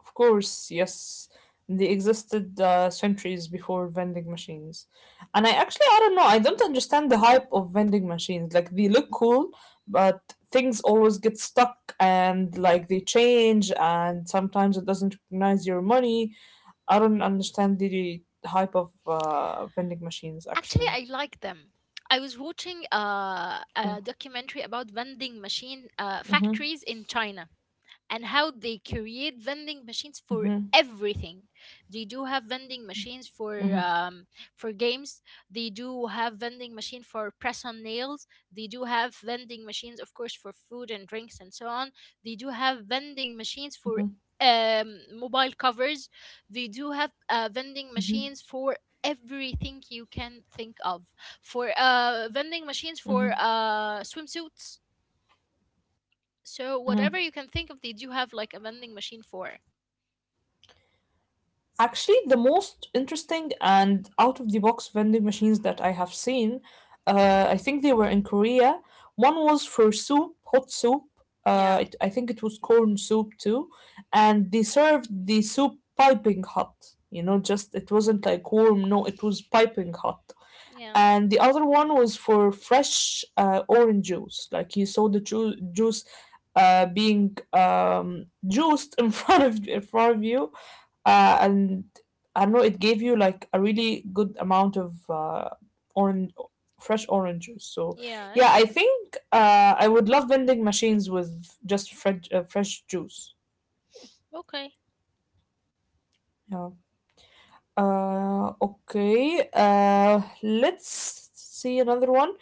Of course, yes. They existed uh, centuries before vending machines. And I actually, I don't know, I don't understand the hype of vending machines. Like, they look cool, but things always get stuck and, like, they change, and sometimes it doesn't recognize your money. I don't understand the hype of uh, vending machines, Actually, actually. I like them. I was watching uh, a documentary about vending machine uh, Mm-hmm, factories in China and how they create vending mm-hmm, machines for everything. They do have vending machines mm-hmm, for um, for games. They do have vending machine for press on nails. They do have vending machines, of course, for food and drinks and so on. They do have vending machines for mm-hmm, um, mobile covers. They do have uh, vending machines for everything you can think of. For uh vending machines for mm-hmm. uh swimsuits. So whatever you can think of, they do have like a vending machine for. Actually, the most interesting and out of the box vending machines that I have seen, uh, I think they were in Korea. One was for soup, hot soup. Uh, Yeah, it, I think it was corn soup too, and they served the soup piping hot. You know, just it wasn't like warm. No, it was piping hot. yeah, And the other one was for fresh uh, orange juice. Like you saw the ju- juice uh, being um, juiced in front of in front of you, uh, and I don't know, it gave you like a really good amount of uh, orange, fresh orange juice. So yeah. eh, yeah, I think uh, I would love vending machines with just fresh uh, fresh juice. Okay. Yeah. Uh, okay. Uh, let's see another one.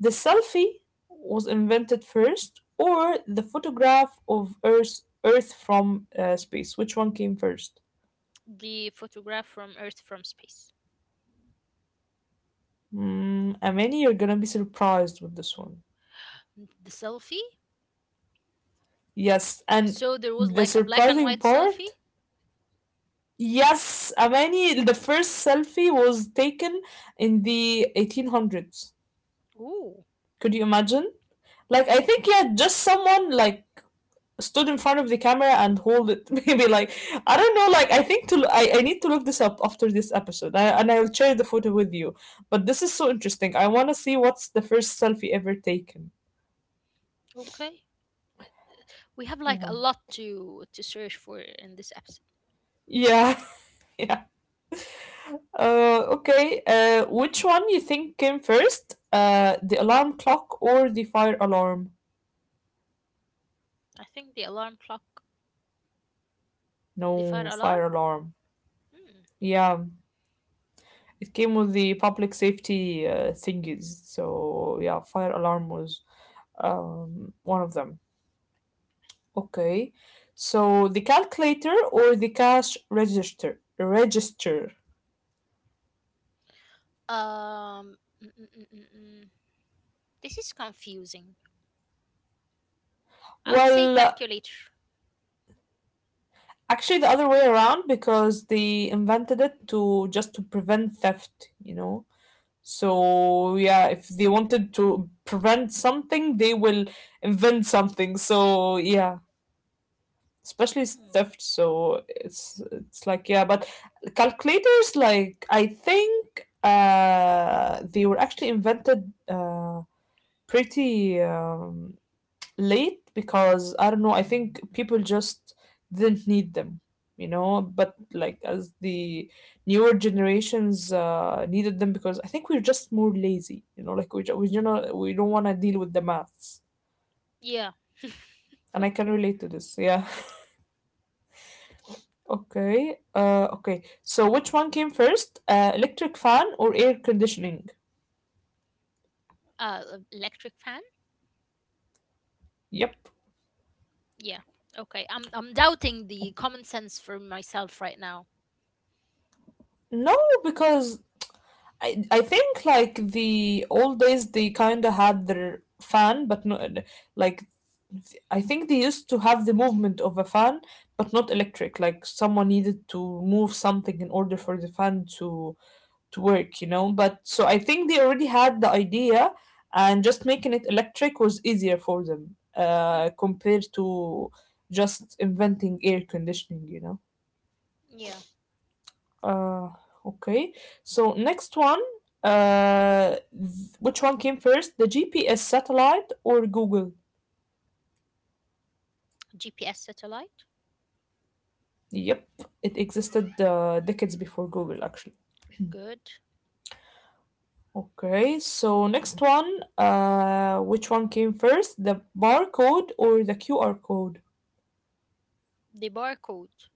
The selfie was invented first, or the photograph of Earth Earth from uh, space. Which one came first? The photograph from Earth from space. Mm, Amani, you're gonna be surprised with this one. The selfie. Yes, and So there was the like a black and surprising white selfie. part, yes, Amani, the first selfie was taken in the eighteen hundreds. Ooh. Could you imagine? Like, I think, yeah, just someone like stood in front of the camera and hold it. Maybe like, I don't know, like, I think to, I I need to look this up after this episode I, and I'll share the photo with you. But this is so interesting. I want to see what's the first selfie ever taken. Okay. We have like Yeah. a lot to to search for in this episode. Yeah. Yeah. Uh, okay. Uh, which one you think came first? Uh, the alarm clock or the fire alarm? I think the alarm clock, the fire No, alarm. fire alarm. Hmm. Yeah, it came with the public safety uh, thingies. So yeah, fire alarm was um, one of them. Okay. So the calculator or the cash register? Register. Um. mm, mm, mm, mm, mm. This is confusing. I would say Well, uh, calculator. actually the other way around because they invented it to just to prevent theft, you know. Hmm. So yeah, if they wanted to prevent something, they will invent something. So yeah, especially s- Hmm. theft. So it's it's like yeah, but calculators, like I think uh they were actually invented uh pretty um late because I don't know, I think people just didn't need them, you know, but like as the newer generations uh, needed them because I think we're just more lazy, you know, like we ju- we, you know, we don't want to deal with the maths. Yeah. And I can Okay. relate to this. Yeah. Okay. Uh okay. So which one came first? Uh, electric fan or air conditioning? Uh, e- electric fan. Yep. Yeah. Okay. I'm I'm doubting the common sense for myself right now. No, because I I think like the old days they kind of had their fan, but no, like I think they used to have the movement of a fan, but not electric. Like someone needed to move something in order for the fan to to work, you know. But so I think they already had the idea, and just making it electric was easier for them Hmm. uh, compared to just inventing air conditioning, you know. Yeah. Uh, okay. So next one, uh, th- which one came first, the G P S satellite or Google? G P S satellite. Yep, it existed uh, decades before Google, actually. Good. Okay, so next one, uh, which one came first, the barcode or the Q R code? The barcode.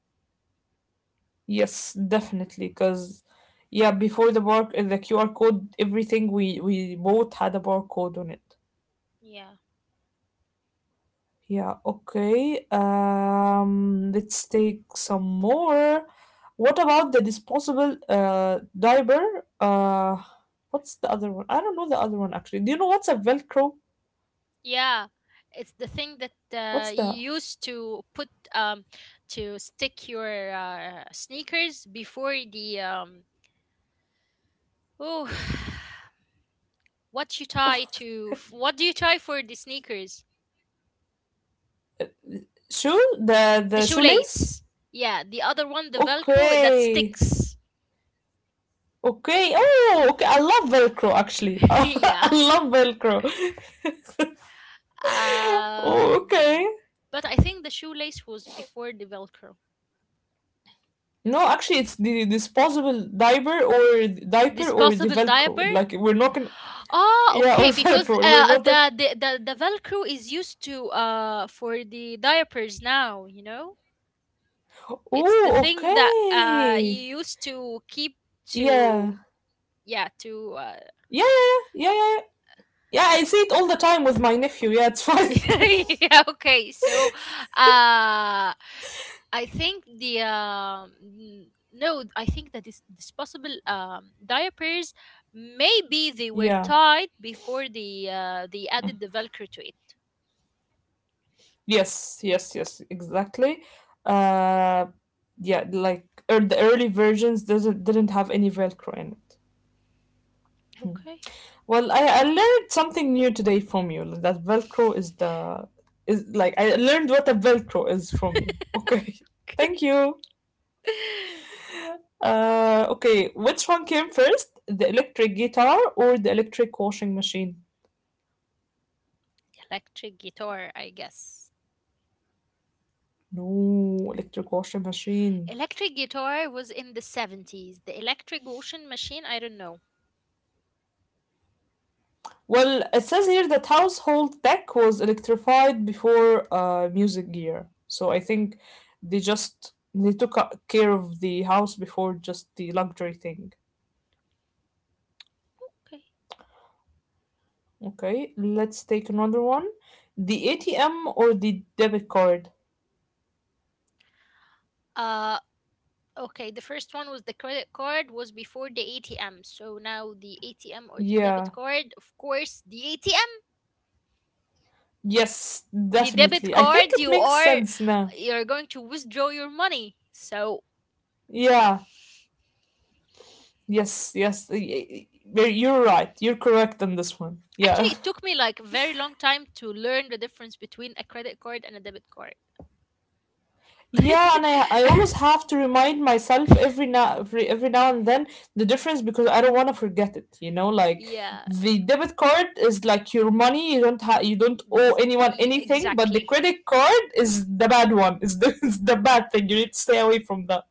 Yes, definitely, because yeah, before the bar the Q R code, everything we we bought had a barcode on it. Yeah. Yeah, okay. Um, let's take some more. What about the disposable uh diaper? Uh, what's the other one? I don't know the other one actually. Do you know what's a Velcro? Yeah. It's the thing that What's uh, the you used to put um to stick your uh, sneakers before the um oh what you tie to, what do you tie for the sneakers, shoe? The the the shoelace? shoelace. Yeah, the other one, the Velcro that Okay. sticks. Okay. Oh, okay. I love Velcro actually. I yeah. love Velcro. Oh, Um, okay. but I think the shoelace was before the Velcro. No, actually, it's the disposable diaper or diaper or the Disposable Velcro. diaper. Like we're not Ah, yeah, or okay. Because firepower. We're uh, not the, a. the the the Velcro is used to uh for the diapers now. You know, it's the Oh, thing that uh okay. you used to keep to, Yeah. yeah, to uh, Yeah, yeah, yeah, yeah, yeah. Yeah, Yeah, I see it all the time with my nephew. Yeah, it's fine. yeah, okay. So, uh, I think the um, n- no, I think that this disposable um, diapers maybe they were Yeah. tied before they uh, they added the Velcro to it. Yes, yes, yes, exactly. Uh, yeah, like er, the early versions doesn't didn't have any Velcro in it. Okay. Well, I, I learned something new today from you. That Velcro is the is like I learned what a Velcro is from you. Okay, Okay. thank you. Uh, okay, which one came first, the electric guitar or the electric washing machine? Electric guitar, I guess. No, electric washing machine. Electric guitar was in the seventies. The electric washing machine, I don't know. Well, it says here that household tech was electrified before uh, music gear. So I Hmm, think they just they took a- care of the house before just the luxury thing. okay. Okay, let's take another one. The A T M or the debit card? Okay, the first one was the credit card was before the A T M. So now the A T M or the Yeah. debit card, of course, the A T M, Yes, the debit definitely. I think card, it you makes are sense now. you're going to withdraw your money. So Yeah. Yes, yes, y- y- y- you're right. You're correct on this one. actually Yeah. it took me like a very long time to learn the difference between a credit card and a debit card. Yeah, and I I always have to remind myself every now every, every now and then the difference because I don't want to forget it, you know, like yeah, the debit card is like your money, you don't have you don't owe bzz- anyone e- anything, but the exactly. credit card is the bad one. Is the It's the bad thing. You need to stay away from that.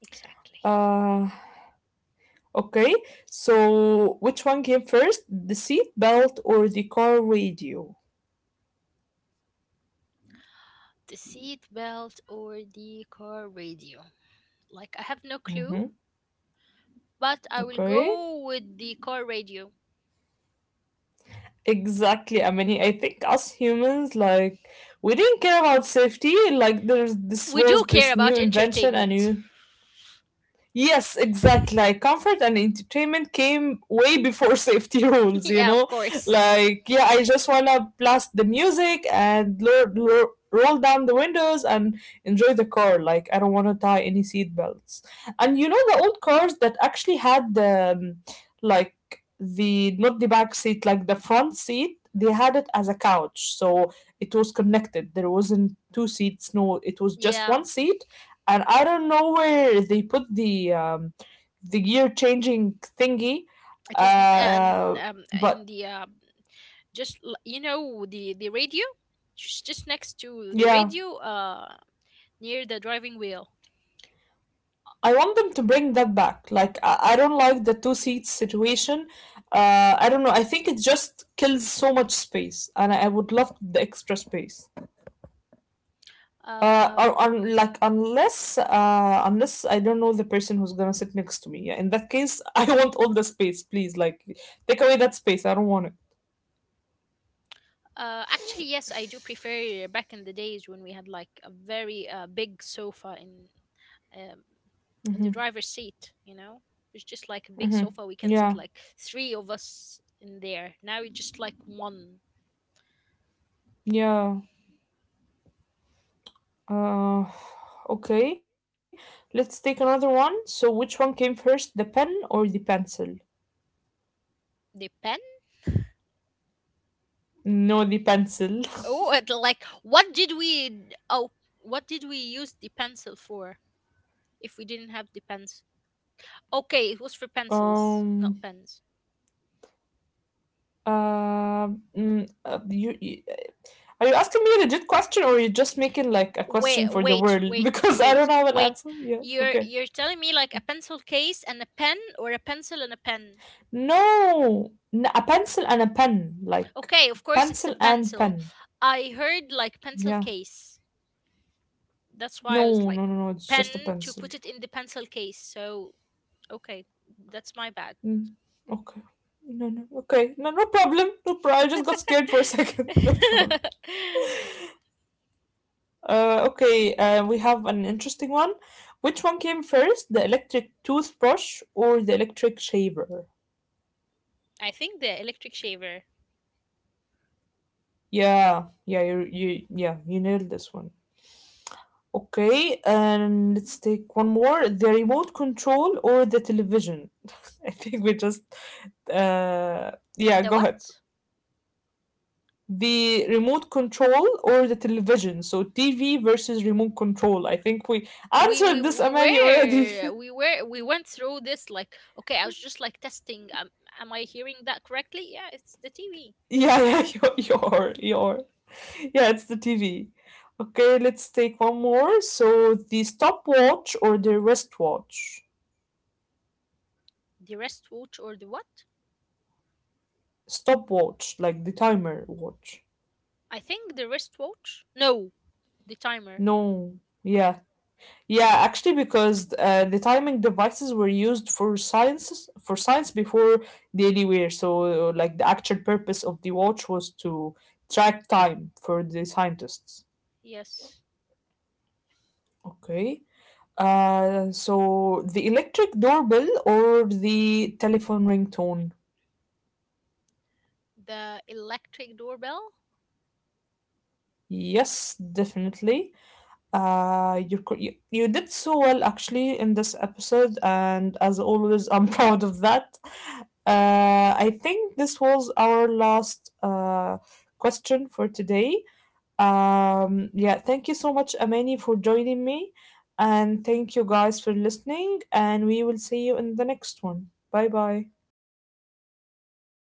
Exactly. Uh okay. So which one came first? The seat belt or the car radio? The seat belt or the car radio. Like I have no clue, Mm-hmm. but I will Okay. go with the car radio. Exactly. I mean, I think us humans, like, we didn't care about safety. Like, there's this We do was care this new about invention, a entertainment. new yes, exactly. Like comfort and entertainment came way before safety rules, you yeah, of know? course. Like, yeah, I just wanna blast the music and lo- lo- roll down the windows and enjoy the car. Like, I don't wanna tie any seat belts. And you know the old cars that actually had the, um, like, the, not the back seat, like the front seat, they had it as a couch. So it was connected. There wasn't two seats, no, it was just Yeah, one seat and I don't know where they put the um, the gear changing thingy. it was n- and Uh, um, in but the uh, just l- you know, the the radio, just just next to the yeah, radio, uh, near the driving wheel. I want them to bring that back. Like I, I don't like the two seat situation. Uh, I don't know. I think it just kills so much space, and I, I would love the extra space. Uh, Um, Or, or like unless uh, unless I don't know the person who's gonna sit next to me. Yeah, in that case, I want all the space, please. Like, take away that space. I don't want it. uh, actually, yes, I do prefer back in the days when we had like a very uh, big sofa in um, in the driver's seat, you know? It's just like a big Hmm. sofa. We can sit Yeah, like three of us in there. Now it's just like one. yeah. Uh, okay, let's take another one. So, which one came first, the pen or the pencil? The pen? No, the pencil. Oh, and like what did we? Oh, what did we use the pencil for? If we didn't have the pens? Okay, it was for pencils, not Um. pens. Uh, mm, uh, you, you, are you asking me a legit question or are you just making like a Wait, question for the wait, world? wait, Because I wait, don't have an wait. answer. Yeah, You're okay. you're telling me like a pencil case and a pen, or a pencil and a pen? No, n- a pencil and a pen, like Okay, of course it's a pencil and pencil. pen. I heard like pencil Yeah. case. That's why I No, was like no, no, no. It's pen just a to pencil. put it in the pencil case. So okay, that's my bad. Mm, okay. No, no. Okay. No, no problem. No problem. I just got scared for a second. No problem. Uh, okay. Uh, we have an interesting one. Which one came first, the electric toothbrush or the electric shaver? I think the electric shaver. Yeah, yeah, you, you, yeah, you nailed this one. Okay, and let's take one more. The remote control or the television? I think we just, uh, yeah, The go ahead. what? The remote control or the television. So T V versus remote control. I think we We we answered this, we Amani, already. were we were we went through this like okay, I was just like testing. Um, am I hearing that correctly? Yeah, it's the T V, Yeah, yeah, you're, you're, you're. Yeah, it's the T V. Okay, let's take one more. So the stopwatch or the wristwatch? the wristwatch or the what? Stopwatch, like the timer watch. I think the wristwatch. No, the timer. No, yeah, yeah, actually, because uh, the timing devices were used for sciences for science before daily wear. So, uh, like the actual purpose of the watch was to track time for the scientists. Yes, Okay. Uh, so the electric doorbell or the telephone ringtone? the electric doorbell. Yes, definitely. Uh, you're, co- you you did so well actually in this episode, and as always, I'm proud of that. Uh, I think this was our last uh, question for today. Um, yeah, thank you so much, Amani, for joining me, and thank you guys for listening. And we will see you in the next one. Bye bye.